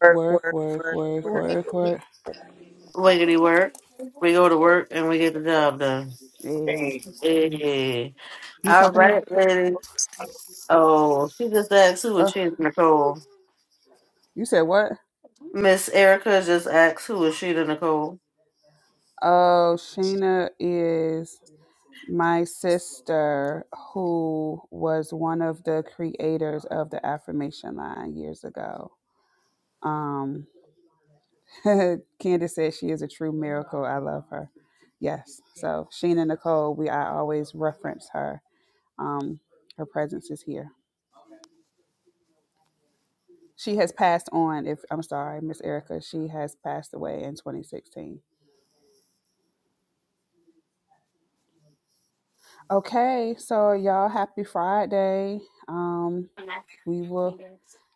Work, Work, work, work, work, work, work. work, work. Wiggity work. We go to work and we get the job done. Hey, Okay. Yeah. You All talking to me? right, ladies. Oh, she just asked who was Uh, she to Nicole. you said what? Miss Erica just asked who was she to Nicole. Oh, Sheena is my sister who was one of the creators of the affirmation line years ago. Um, (laughs) Candace says she is a true miracle. I love her. Yes. So Sheena Nicole, we I always reference her. Um, her presence is here. She has passed on. If I'm sorry, Miss Erica, she has passed away in 2016. Okay, so y'all, happy Friday. Um, we will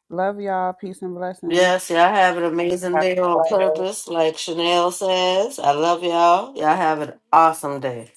love y'all. Peace and blessings. Yes, y'all have an amazing day on purpose, like Chanel says. I love y'all. Y'all have an awesome day.